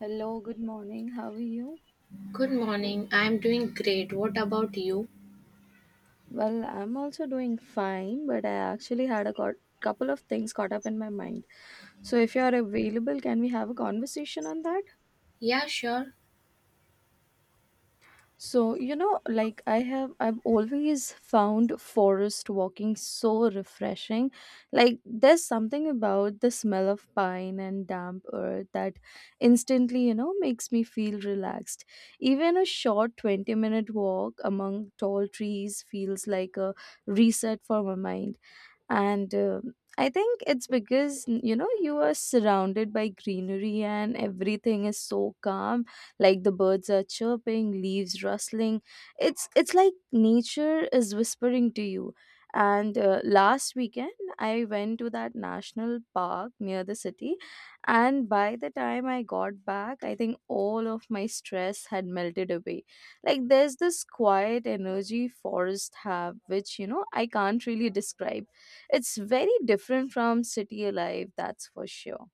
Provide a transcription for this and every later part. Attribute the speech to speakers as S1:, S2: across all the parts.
S1: Hello, good morning. How are you?
S2: Good morning. I'm doing great. What about you?
S1: Well, I'm also doing fine, but I actually had a couple of things caught up in my mind. So, if you are available, can we have a conversation on that?
S2: Yeah, sure.
S1: So, you know, like I've always found forest walking so refreshing. Like, there's something about the smell of pine and damp earth that instantly, you know, makes me feel relaxed. Even a short 20-minute walk among tall trees feels like a reset for my mind. And I think it's because you know, you are surrounded by greenery and everything is so calm. Like the birds are chirping, leaves rustling, it's like nature is whispering to you. And last weekend I went to that national park near the city, and by the time I got back, I think all of my stress had melted away. Like there's this quiet energy forests have, which, you know, I can't really describe. It's very different from city life, that's for sure.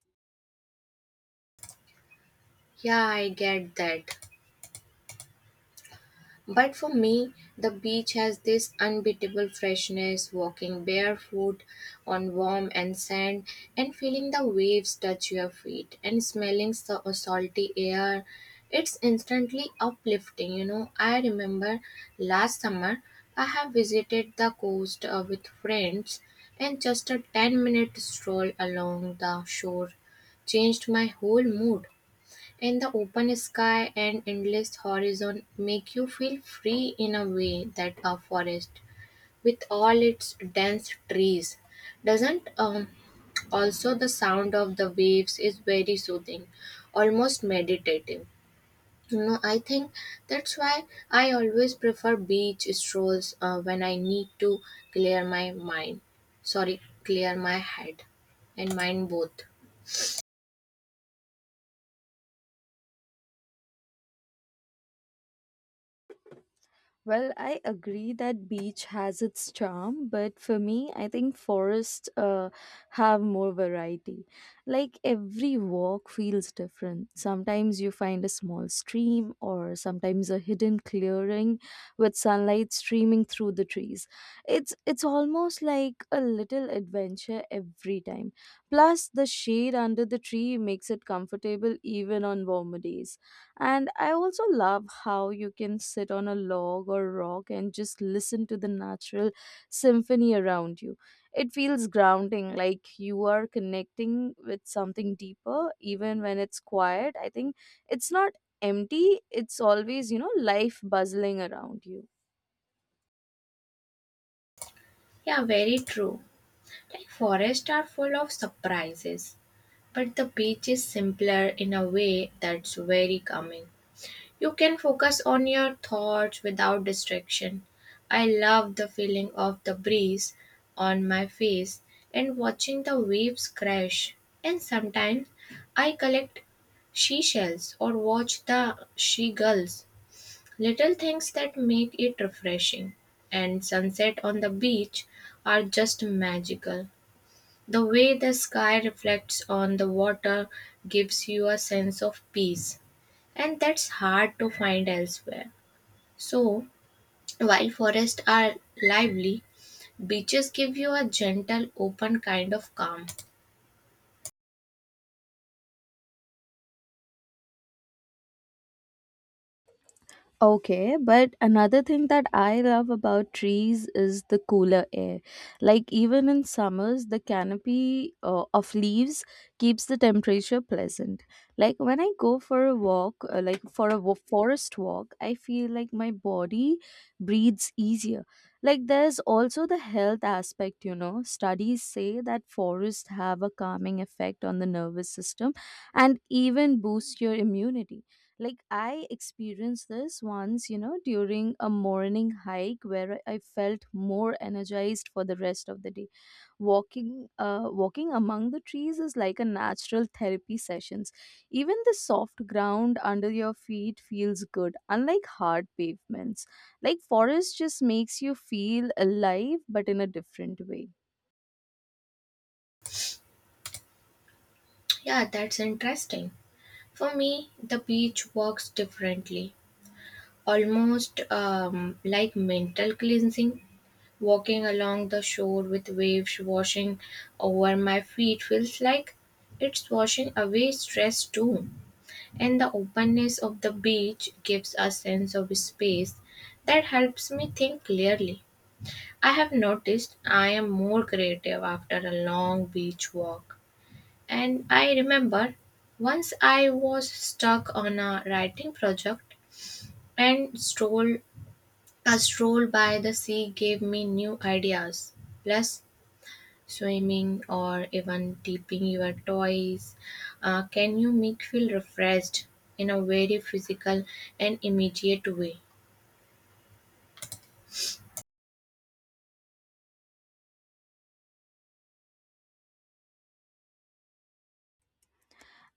S2: Yeah, I get that. But for me, the beach has this unbeatable freshness, walking barefoot on warm and sand and feeling the waves touch your feet and smelling the salty air. It's instantly uplifting, you know. I remember last summer I have visited the coast with friends, and just a 10-minute stroll along the shore changed my whole mood. And the open sky and endless horizon make you feel free in a way that a forest, with all its dense trees, doesn't. Also, the sound of the waves is very soothing, almost meditative. You know, I think that's why I always prefer beach strolls when I need to clear my mind. Sorry, clear my head and mind both.
S1: Well, I agree that beach has its charm, but for me, I think forests have more variety. Like every walk feels different. Sometimes you find a small stream, or sometimes a hidden clearing with sunlight streaming through the trees. It's almost like a little adventure every time. Plus, the shade under the tree makes it comfortable even on warmer days. And I also love how you can sit on a log or rock and just listen to the natural symphony around you. It feels grounding, like you are connecting with something deeper, even when it's quiet. I think it's not empty, it's always, you know, life bustling around you.
S2: Yeah, very true. Like forests are full of surprises, but the beach is simpler in a way that's very calming. You can focus on your thoughts without distraction. I love the feeling of the breeze on my face and watching the waves crash. And sometimes I collect seashells or watch the seagulls. Little things that make it refreshing. And sunset on the beach are just magical. The way the sky reflects on the water gives you a sense of peace, and that's hard to find elsewhere. So, while forests are lively, beaches give you a gentle, open kind of calm.
S1: Okay, but another thing that I love about trees is the cooler air. Like, even in summers, the canopy of leaves keeps the temperature pleasant. Like, when I go for a walk, forest walk, I feel like my body breathes easier. Like, there's also the health aspect, you know. Studies say that forests have a calming effect on the nervous system and even boost your immunity. Like I experienced this once, you know, during a morning hike where I felt more energized for the rest of the day. Walking among the trees is like a natural therapy sessions. Even the soft ground under your feet feels good, unlike hard pavements. Like forest just makes you feel alive but in a different way.
S2: Yeah, that's interesting. For me, the beach works differently, almost like mental cleansing. Walking along the shore with waves washing over my feet feels like it's washing away stress too. And the openness of the beach gives a sense of space that helps me think clearly. I have noticed I am more creative after a long beach walk. And I remember once I was stuck on a writing project and stroll by the sea gave me new ideas. Plus swimming or even dipping your toys can you make feel refreshed in a very physical and immediate way.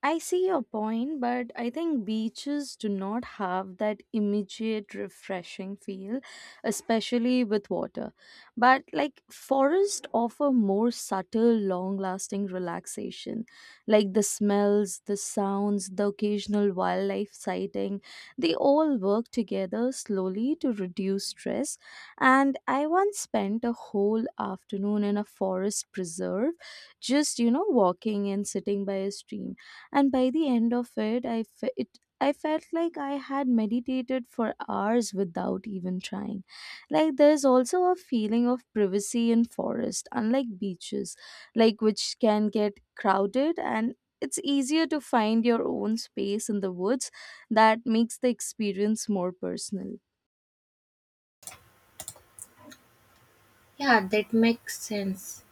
S1: I see your point, but I think beaches do not have that immediate refreshing feel, especially with water. But like forests offer more subtle, long lasting relaxation, like the smells, the sounds, the occasional wildlife sighting. They all work together slowly to reduce stress. And I once spent a whole afternoon in a forest preserve, just, you know, walking and sitting by a stream, and by the end of it, I felt like I had meditated for hours without even trying. Like there's also a feeling of privacy in forest, unlike beaches, like which can get crowded, and it's easier to find your own space in the woods that makes the experience more personal.
S2: Yeah, that makes sense.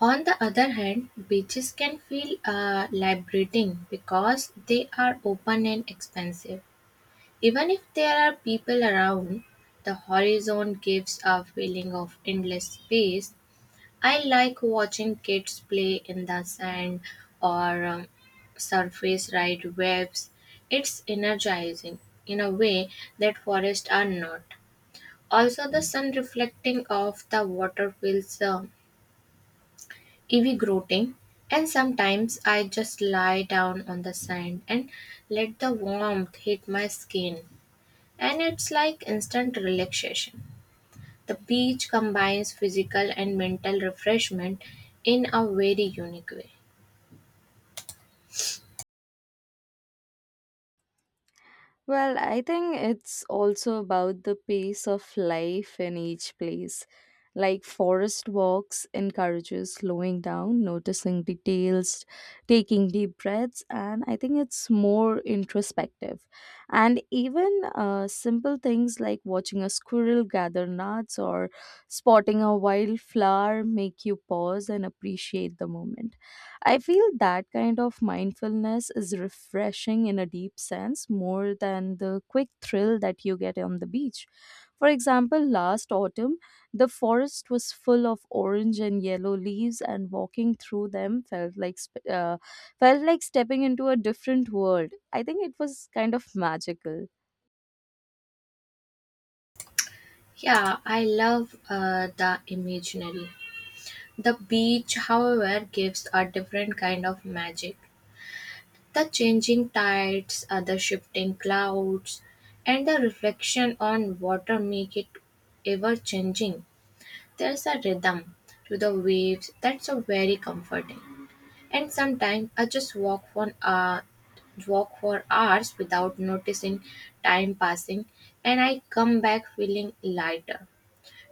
S2: On the other hand, beaches can feel liberating because they are open and expansive. Even if there are people around, the horizon gives a feeling of endless space. I like watching kids play in the sand, or surface ride waves. It's energizing in a way that forests are not. Also, the sun reflecting off the water feels invigorating. And sometimes I just lie down on the sand and let the warmth hit my skin, and it's like instant relaxation. The beach combines physical and mental refreshment in a very unique way.
S1: Well, I think it's also about the pace of life in each place. Like forest walks encourages slowing down, noticing details, taking deep breaths, and I think it's more introspective. And even simple things like watching a squirrel gather nuts or spotting a wildflower make you pause and appreciate the moment. I feel that kind of mindfulness is refreshing in a deep sense, more than the quick thrill that you get on the beach. For example, last autumn, the forest was full of orange and yellow leaves, and walking through them felt like felt like stepping into a different world. I think it was kind of magical.
S2: Yeah, I love the imaginary. The beach, however, gives a different kind of magic. The changing tides, the shifting clouds, and the reflection on water make it ever changing. There's a rhythm to the waves that's a very comforting. And sometimes I just walk for hours without noticing time passing, and I come back feeling lighter.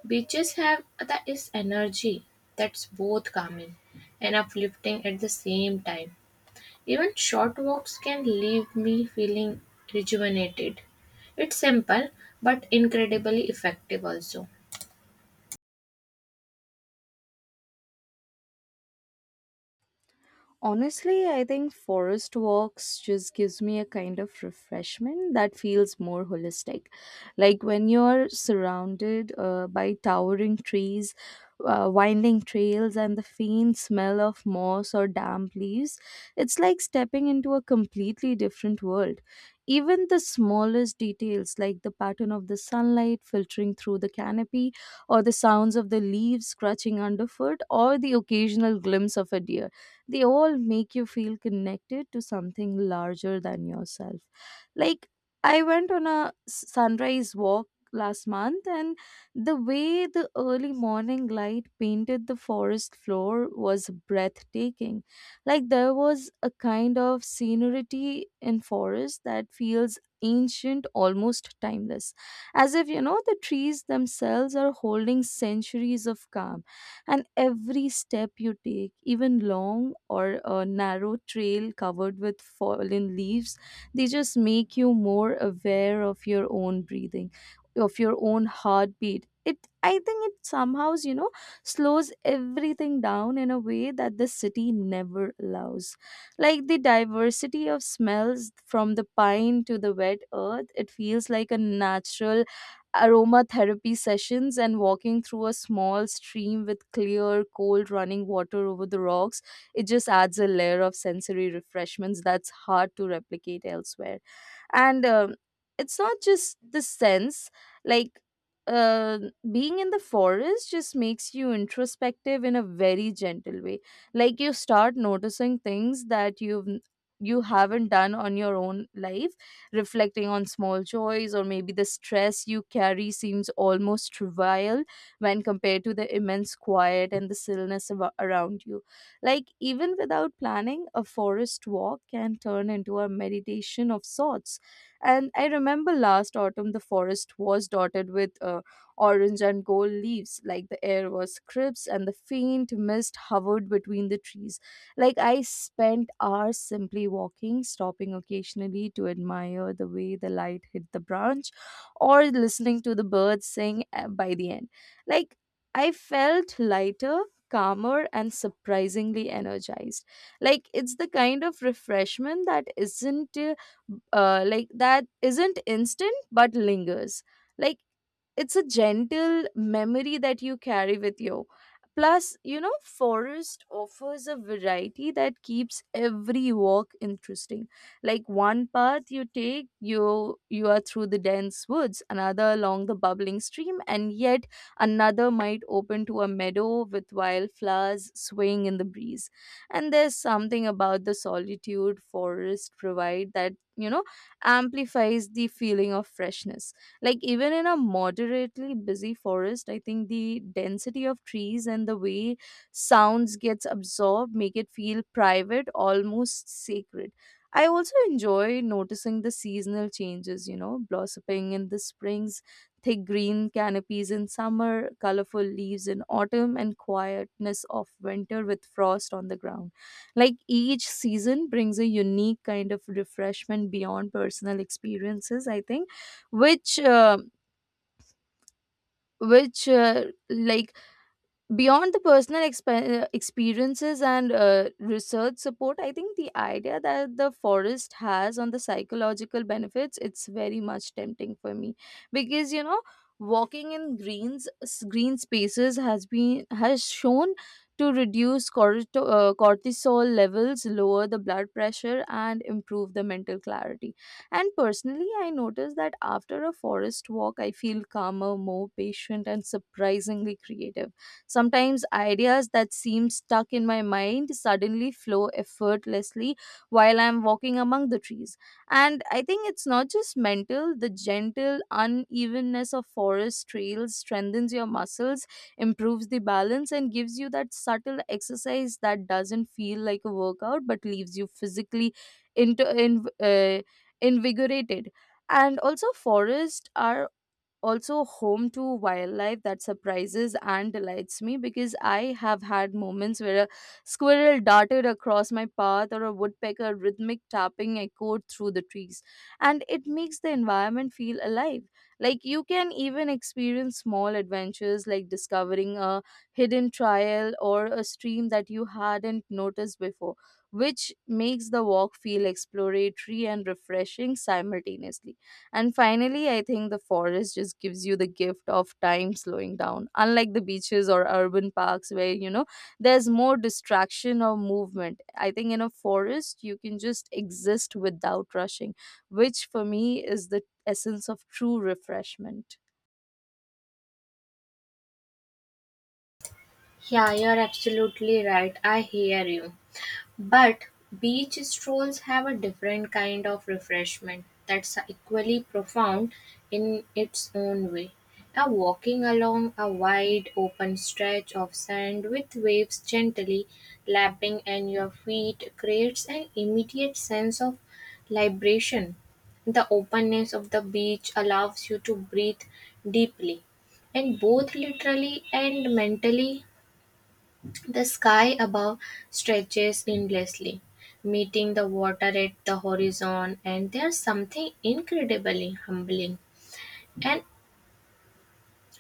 S2: Beaches have that is energy that's both calming and uplifting at the same time. Even short walks can leave me feeling rejuvenated. It's simple but incredibly effective also.
S1: Honestly, I think forest walks just gives me a kind of refreshment that feels more holistic. Like when you're surrounded by towering trees, winding trails, and the faint smell of moss or damp leaves, it's like stepping into a completely different world. Even the smallest details, like the pattern of the sunlight filtering through the canopy, or the sounds of the leaves scratching underfoot, or the occasional glimpse of a deer, they all make you feel connected to something larger than yourself. Like, I went on a sunrise walk last month, and the way the early morning light painted the forest floor was breathtaking. Like, there was a kind of scenery in forest that feels ancient, almost timeless, as if, you know, the trees themselves are holding centuries of calm. And every step you take, even long or a narrow trail covered with fallen leaves, they just make you more aware of your own breathing, of your own heartbeat. It i think it somehow, you know, slows everything down in a way that the city never allows. Like the diversity of smells, from the pine to the wet earth, it feels like a natural aromatherapy sessions. And walking through a small stream with clear, cold running water over the rocks, it just adds a layer of sensory refreshments that's hard to replicate elsewhere. And It's not just the sense, like, uh, being in the forest just makes you introspective in a very gentle way. Like you start noticing things that you haven't done on your own life, reflecting on small joys, or maybe the stress you carry seems almost trivial when compared to the immense quiet and the stillness around you. Like even without planning, a forest walk can turn into a meditation of sorts. And I remember last autumn, the forest was dotted with orange and gold leaves. Like the air was crisp, and the faint mist hovered between the trees. Like I spent hours simply walking, stopping occasionally to admire the way the light hit the branch, or listening to the birds sing by the end. Like I felt lighter. Calmer and surprisingly energized. Like, it's the kind of refreshment that isn't instant but lingers. Like, it's a gentle memory that you carry with you. Plus, you know, forest offers a variety that keeps every walk interesting. Like, one path you take, you are through the dense woods, another along the bubbling stream, and yet another might open to a meadow with wildflowers swaying in the breeze. And there's something about the solitude forest provide that, you know, amplifies the feeling of freshness. Like even in a moderately busy forest, I think the density of trees and the way sounds gets absorbed make it feel private, almost sacred. I also enjoy noticing the seasonal changes, you know, blossoming in the springs, thick green canopies in summer, colorful leaves in autumn, and quietness of winter with frost on the ground. Like each season brings a unique kind of refreshment. Beyond personal experiences, I think, which uh, which like beyond the personal experiences and research support, I think the idea that the forest has on the psychological benefits, it's very much tempting for me. Because, you know, walking in green spaces has shown to reduce cortisol levels, lower the blood pressure, and improve the mental clarity. And personally, I noticed that after a forest walk, I feel calmer, more patient, and surprisingly creative. Sometimes ideas that seem stuck in my mind suddenly flow effortlessly while I'm walking among the trees. And I think it's not just mental, the gentle unevenness of forest trails strengthens your muscles, improves the balance, and gives you that subtle exercise that doesn't feel like a workout but leaves you physically into, in, uh, invigorated. And also forests are also home to wildlife that surprises and delights me, because I have had moments where a squirrel darted across my path, or a woodpecker rhythmic tapping echoed through the trees. And it makes the environment feel alive. Like you can even experience small adventures, like discovering a hidden trail or a stream that you hadn't noticed before, which makes the walk feel exploratory and refreshing simultaneously. And finally, I think the forest just gives you the gift of time slowing down, unlike the beaches or urban parks where, you know, there's more distraction or movement. I think in a forest, you can just exist without rushing, which for me is the essence of true refreshment.
S2: Yeah, you're absolutely right. I hear you. But beach strolls have a different kind of refreshment that's equally profound in its own way. A walking along a wide open stretch of sand with waves gently lapping at your feet creates an immediate sense of liberation. The openness of the beach allows you to breathe deeply and both literally and mentally, the sky above stretches endlessly, meeting the water at the horizon, and there's something incredibly humbling. And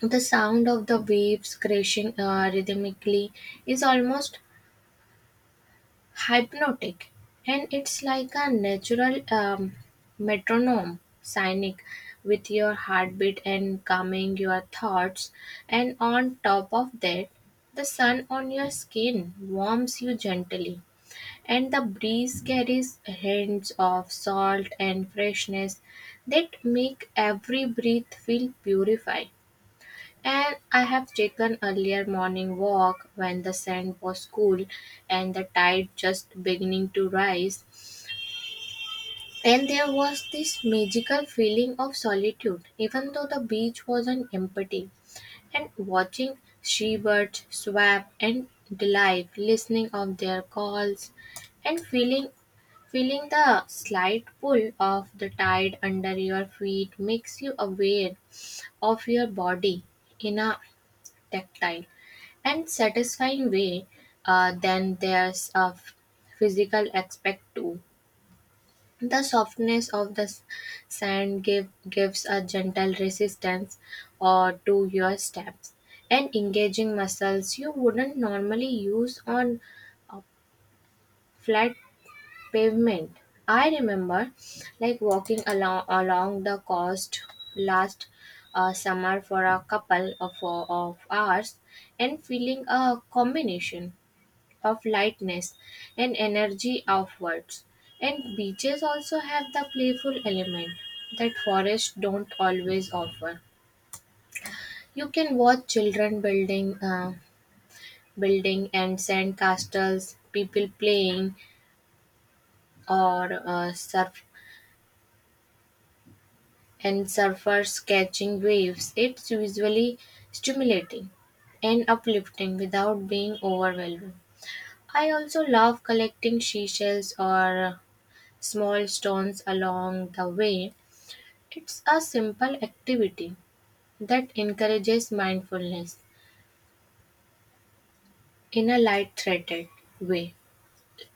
S2: the sound of the waves crashing rhythmically is almost hypnotic, and it's like a natural metronome, sonic, with your heartbeat and calming your thoughts. And on top of that, the sun on your skin warms you gently and the breeze carries hints of salt and freshness that make every breath feel purified. And I have taken earlier morning walk when the sand was cool and the tide just beginning to rise. And there was this magical feeling of solitude, even though the beach wasn't empty. And watching seabirds Schwab and dive, listening of their calls and feeling the slight pull of the tide under your feet makes you aware of your body in a tactile and satisfying way. Then there's a physical aspect too. The softness of the sand gives a gentle resistance to your steps and engaging muscles you wouldn't normally use on a flat pavement. I remember like walking along the coast last summer for a couple of hours and feeling a combination of lightness and energy outwards. And beaches also have the playful element that forests don't always offer. You can watch children building and sand castles, people playing, or surfers catching waves. It's usually stimulating and uplifting without being overwhelming. I also love collecting seashells or small stones along the way. It's a simple activity that encourages mindfulness in a light-hearted way,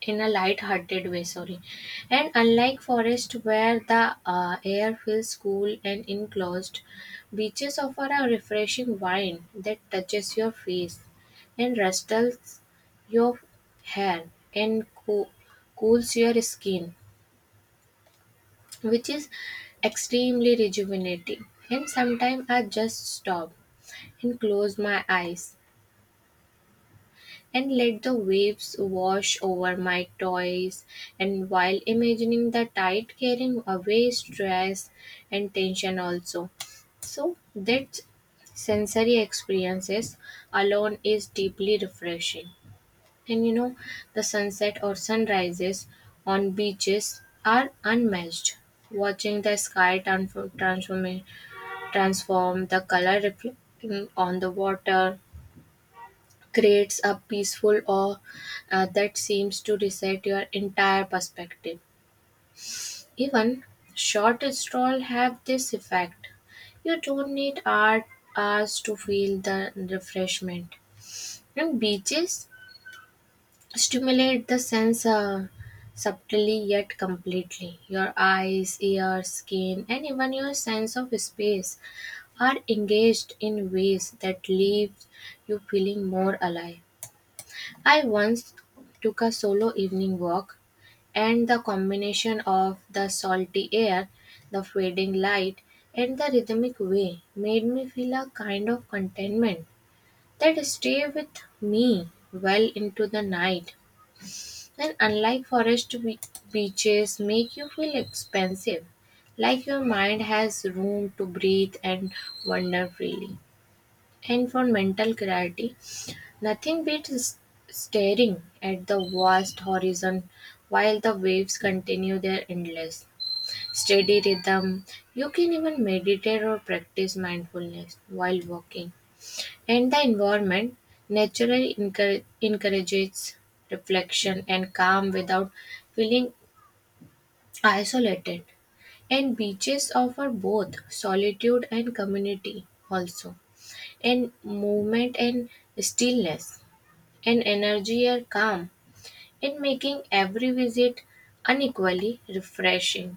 S2: in a light-hearted way, sorry. And unlike forest where the air feels cool and enclosed, beaches offer a refreshing wind that touches your face and rustles your hair and cools your skin, which is extremely rejuvenating. And sometimes I just stop and close my eyes and let the waves wash over my toys and while imagining the tide carrying away stress and tension also. So that sensory experiences alone is deeply refreshing. And you know, the sunset or sunrises on beaches are unmatched. Watching the sky transform the color reflecting on the water creates a peaceful awe that seems to reset your entire perspective. Even short strolls have this effect. You don't need art hours to feel the refreshment. And beaches stimulate the sense subtly yet completely. Your eyes, ears, skin, and even your sense of space are engaged in ways that leave you feeling more alive. I once took a solo evening walk, and the combination of the salty air, the fading light, and the rhythmic way made me feel a kind of contentment that stayed with me well into the night. Then beaches make you feel expansive, like your mind has room to breathe and wander freely. And for mental clarity, nothing beats staring at the vast horizon while the waves continue their endless steady rhythm. You can even meditate or practice mindfulness while walking, and the environment naturally encourages reflection and calm without feeling isolated. And beaches offer both solitude and community also. And movement and stillness and energy are calm and making every visit unequally refreshing.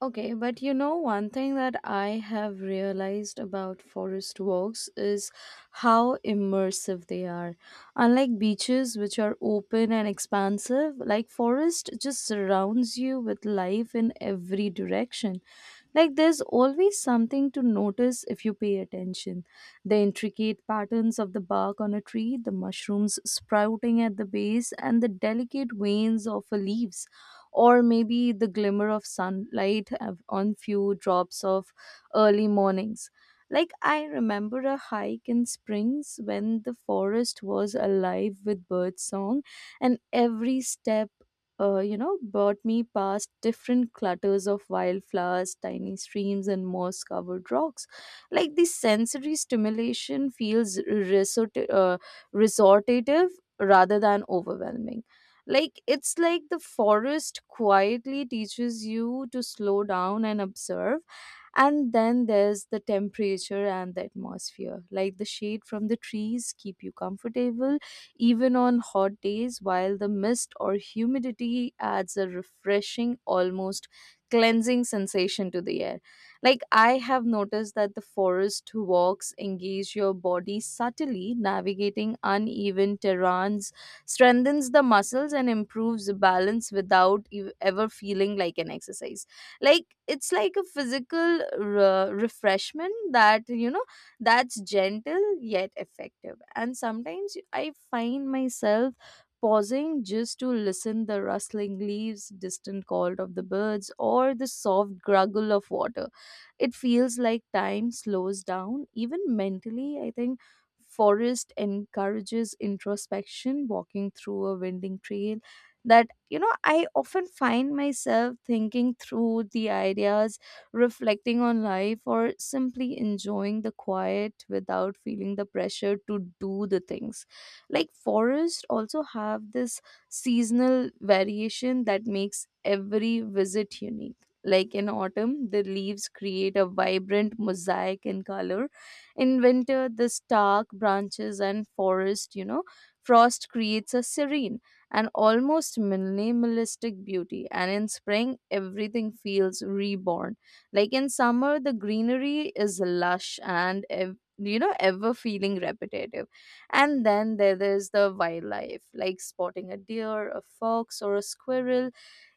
S1: Okay, but you know, one thing that I have realized about forest walks is how immersive they are. Unlike beaches, which are open and expansive, like forest just surrounds you with life in every direction. Like there's always something to notice if you pay attention. The intricate patterns of the bark on a tree, the mushrooms sprouting at the base, and the delicate veins of the leaves, or maybe the glimmer of sunlight on few drops of early mornings. Like I remember a hike in springs when the forest was alive with bird song and every step brought me past different clutters of wildflowers, tiny streams, and moss covered rocks. Like the sensory stimulation feels resortative rather than overwhelming. Like it's like the forest quietly teaches you to slow down and observe, and then there's the temperature and the atmosphere, like the shade from the trees keep you comfortable even on hot days, while the mist or humidity adds a refreshing, almost cleansing sensation to the air. Like I have noticed that the forest walks engage your body, subtly navigating uneven terrains, strengthens the muscles and improves balance without ever feeling like an exercise. Like it's like a physical refreshment that that's gentle yet effective. And sometimes I find myself pausing just to listen, the rustling leaves, distant call of the birds, or the soft gurgle of water. It feels like time slows down. Even mentally, I think forest encourages introspection. Walking through a winding trail, that you know I often find myself thinking through the ideas, reflecting on life, or simply enjoying the quiet without feeling the pressure to do the things. Like forests also have this seasonal variation that makes every visit unique. Like in autumn, the leaves create a vibrant mosaic in color. In winter, the stark branches and forest, frost creates a serene and almost minimalistic beauty. And in spring, everything feels reborn. Like in summer, the greenery is lush and ever feeling repetitive. And then there is the wildlife, like spotting a deer, a fox, or a squirrel,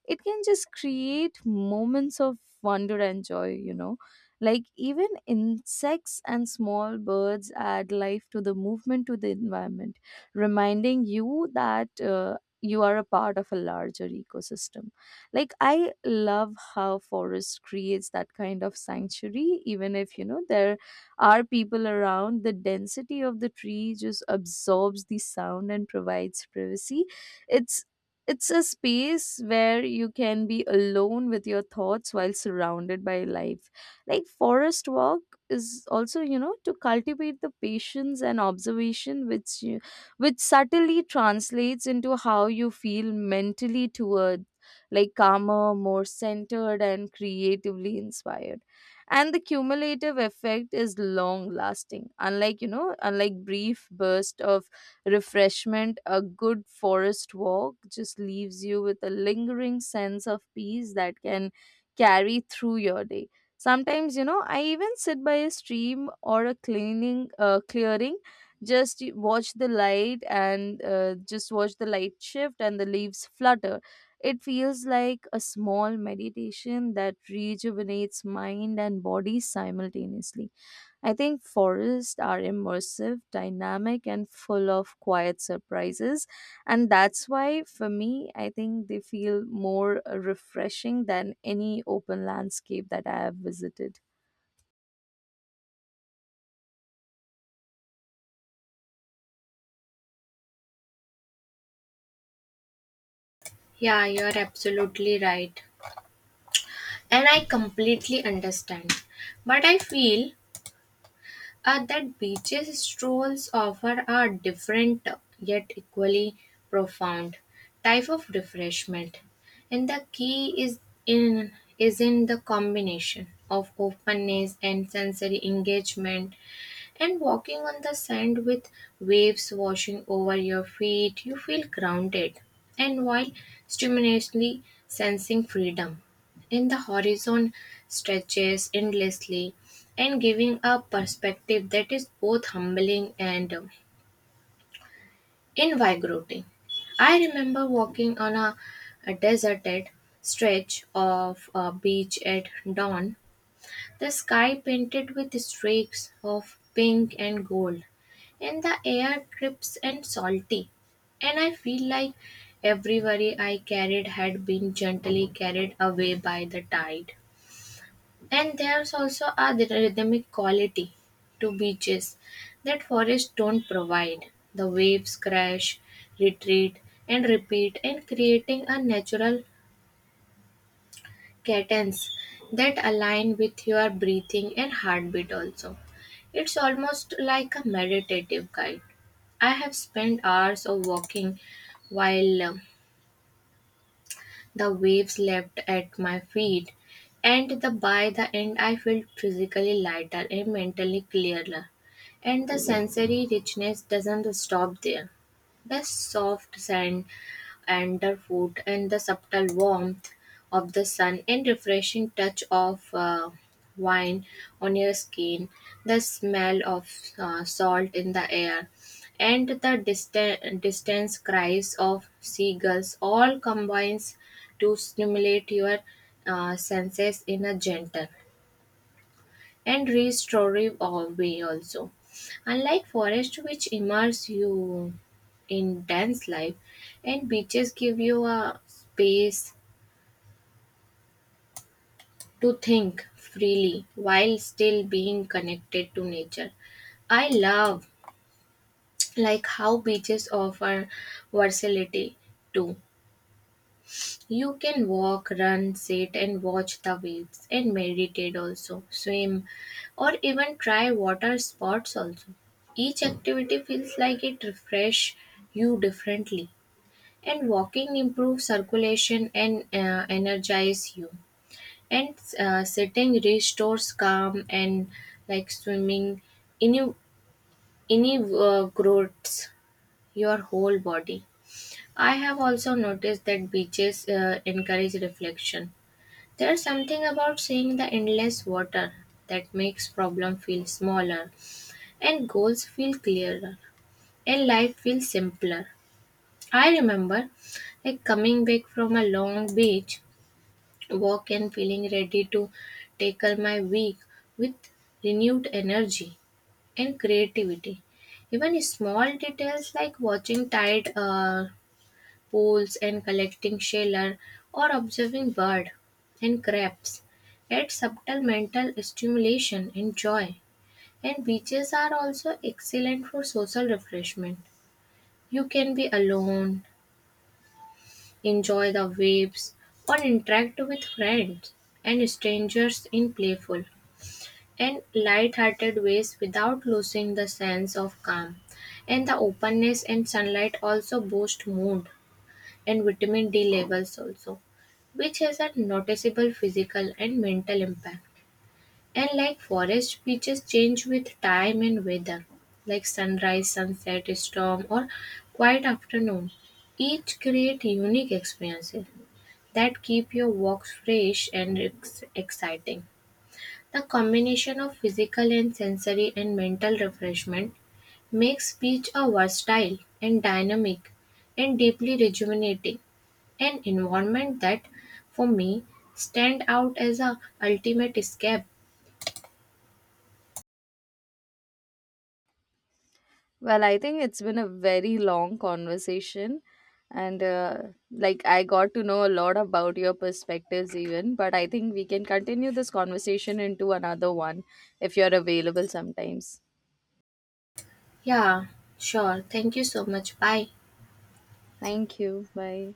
S1: it can just create moments of wonder and joy, you know. Like even insects and small birds add life to the movement, to the environment, reminding you that you are a part of a larger ecosystem. Like I love how forest creates that kind of sanctuary. Even if, you know, there are people around, the density of the tree just absorbs the sound and provides privacy. it's it's a space where you can be alone with your thoughts while surrounded by life. Like forest walk is also, you know, to cultivate the patience and observation, which subtly translates into how you feel mentally, toward like calmer, more centered, and creatively inspired. And the cumulative effect is long lasting. Unlike brief burst of refreshment, a good forest walk just leaves you with a lingering sense of peace that can carry through your day. Sometimes, you know, I even sit by a stream or a cleaning clearing, just watch the light shift and the leaves flutter. It feels like a small meditation that rejuvenates mind and body simultaneously. I think forests are immersive, dynamic, and full of quiet surprises. And that's why, for me, I think they feel more refreshing than any open landscape that I have visited.
S2: Yeah, you're absolutely right. And I completely understand. But I feel that beaches strolls offer a different yet equally profound type of refreshment, and the key is in in the combination of openness and sensory engagement, and walking on the sand with waves washing over your feet, you feel grounded and while stimulatingly sensing freedom. In the horizon stretches endlessly and giving a perspective that is both humbling and invigorating. I remember walking on a deserted stretch of a beach at dawn, the sky painted with streaks of pink and gold, and the air crisp and salty. And I feel like every worry I carried had been gently carried away by the tide. And there's also a rhythmic quality to beaches that forests don't provide. The waves crash, retreat, and repeat, and creating a natural cadence that align with your breathing and heartbeat also. It's almost like a meditative guide. I have spent hours of walking while the waves leapt at my feet, and the by the end I felt physically lighter and mentally clearer. And the sensory richness doesn't stop there. The soft sand underfoot, and the subtle warmth of the sun and refreshing touch of wine on your skin, the smell of salt in the air, and the distant distance cries of seagulls all combines to stimulate your senses in a gentle and restorative all way also. Unlike forests which immerse you in dense life, and beaches give you a space to think freely while still being connected to nature. I love like how beaches offer versatility too. You can walk, run, sit and watch the waves and meditate also, swim or even try water sports also. Each activity feels like it refresh you differently, and walking improves circulation and energize you, and sitting restores calm, and like swimming any any your whole body. I have also noticed that beaches encourage reflection. There's something about seeing the endless water that makes problem feel smaller and goals feel clearer and life feels simpler. I remember like coming back from a long beach walk and feeling ready to tackle my week with renewed energy and creativity. Even small details like watching tide pools and collecting shells, or observing birds and crabs add subtle mental stimulation and joy. And beaches are also excellent for social refreshment. You can be alone, enjoy the waves, or interact with friends and strangers in playful and light-hearted ways without losing the sense of calm. And the openness and sunlight also boost mood and vitamin D levels also, which has a noticeable physical and mental impact. And like forest beaches change with time and weather, like sunrise, sunset, storm, or quiet afternoon. Each create unique experiences that keep your walks fresh and exciting. The combination of physical and sensory and mental refreshment makes beach a versatile and dynamic and deeply rejuvenating an environment that for me stand out as a ultimate escape.
S1: Well, I think it's been a very long conversation. And I got to know a lot about your perspectives, even. But I think we can continue this conversation into another one if you're available sometimes.
S2: Yeah, sure. Thank you so much. Bye.
S1: Thank you. Bye.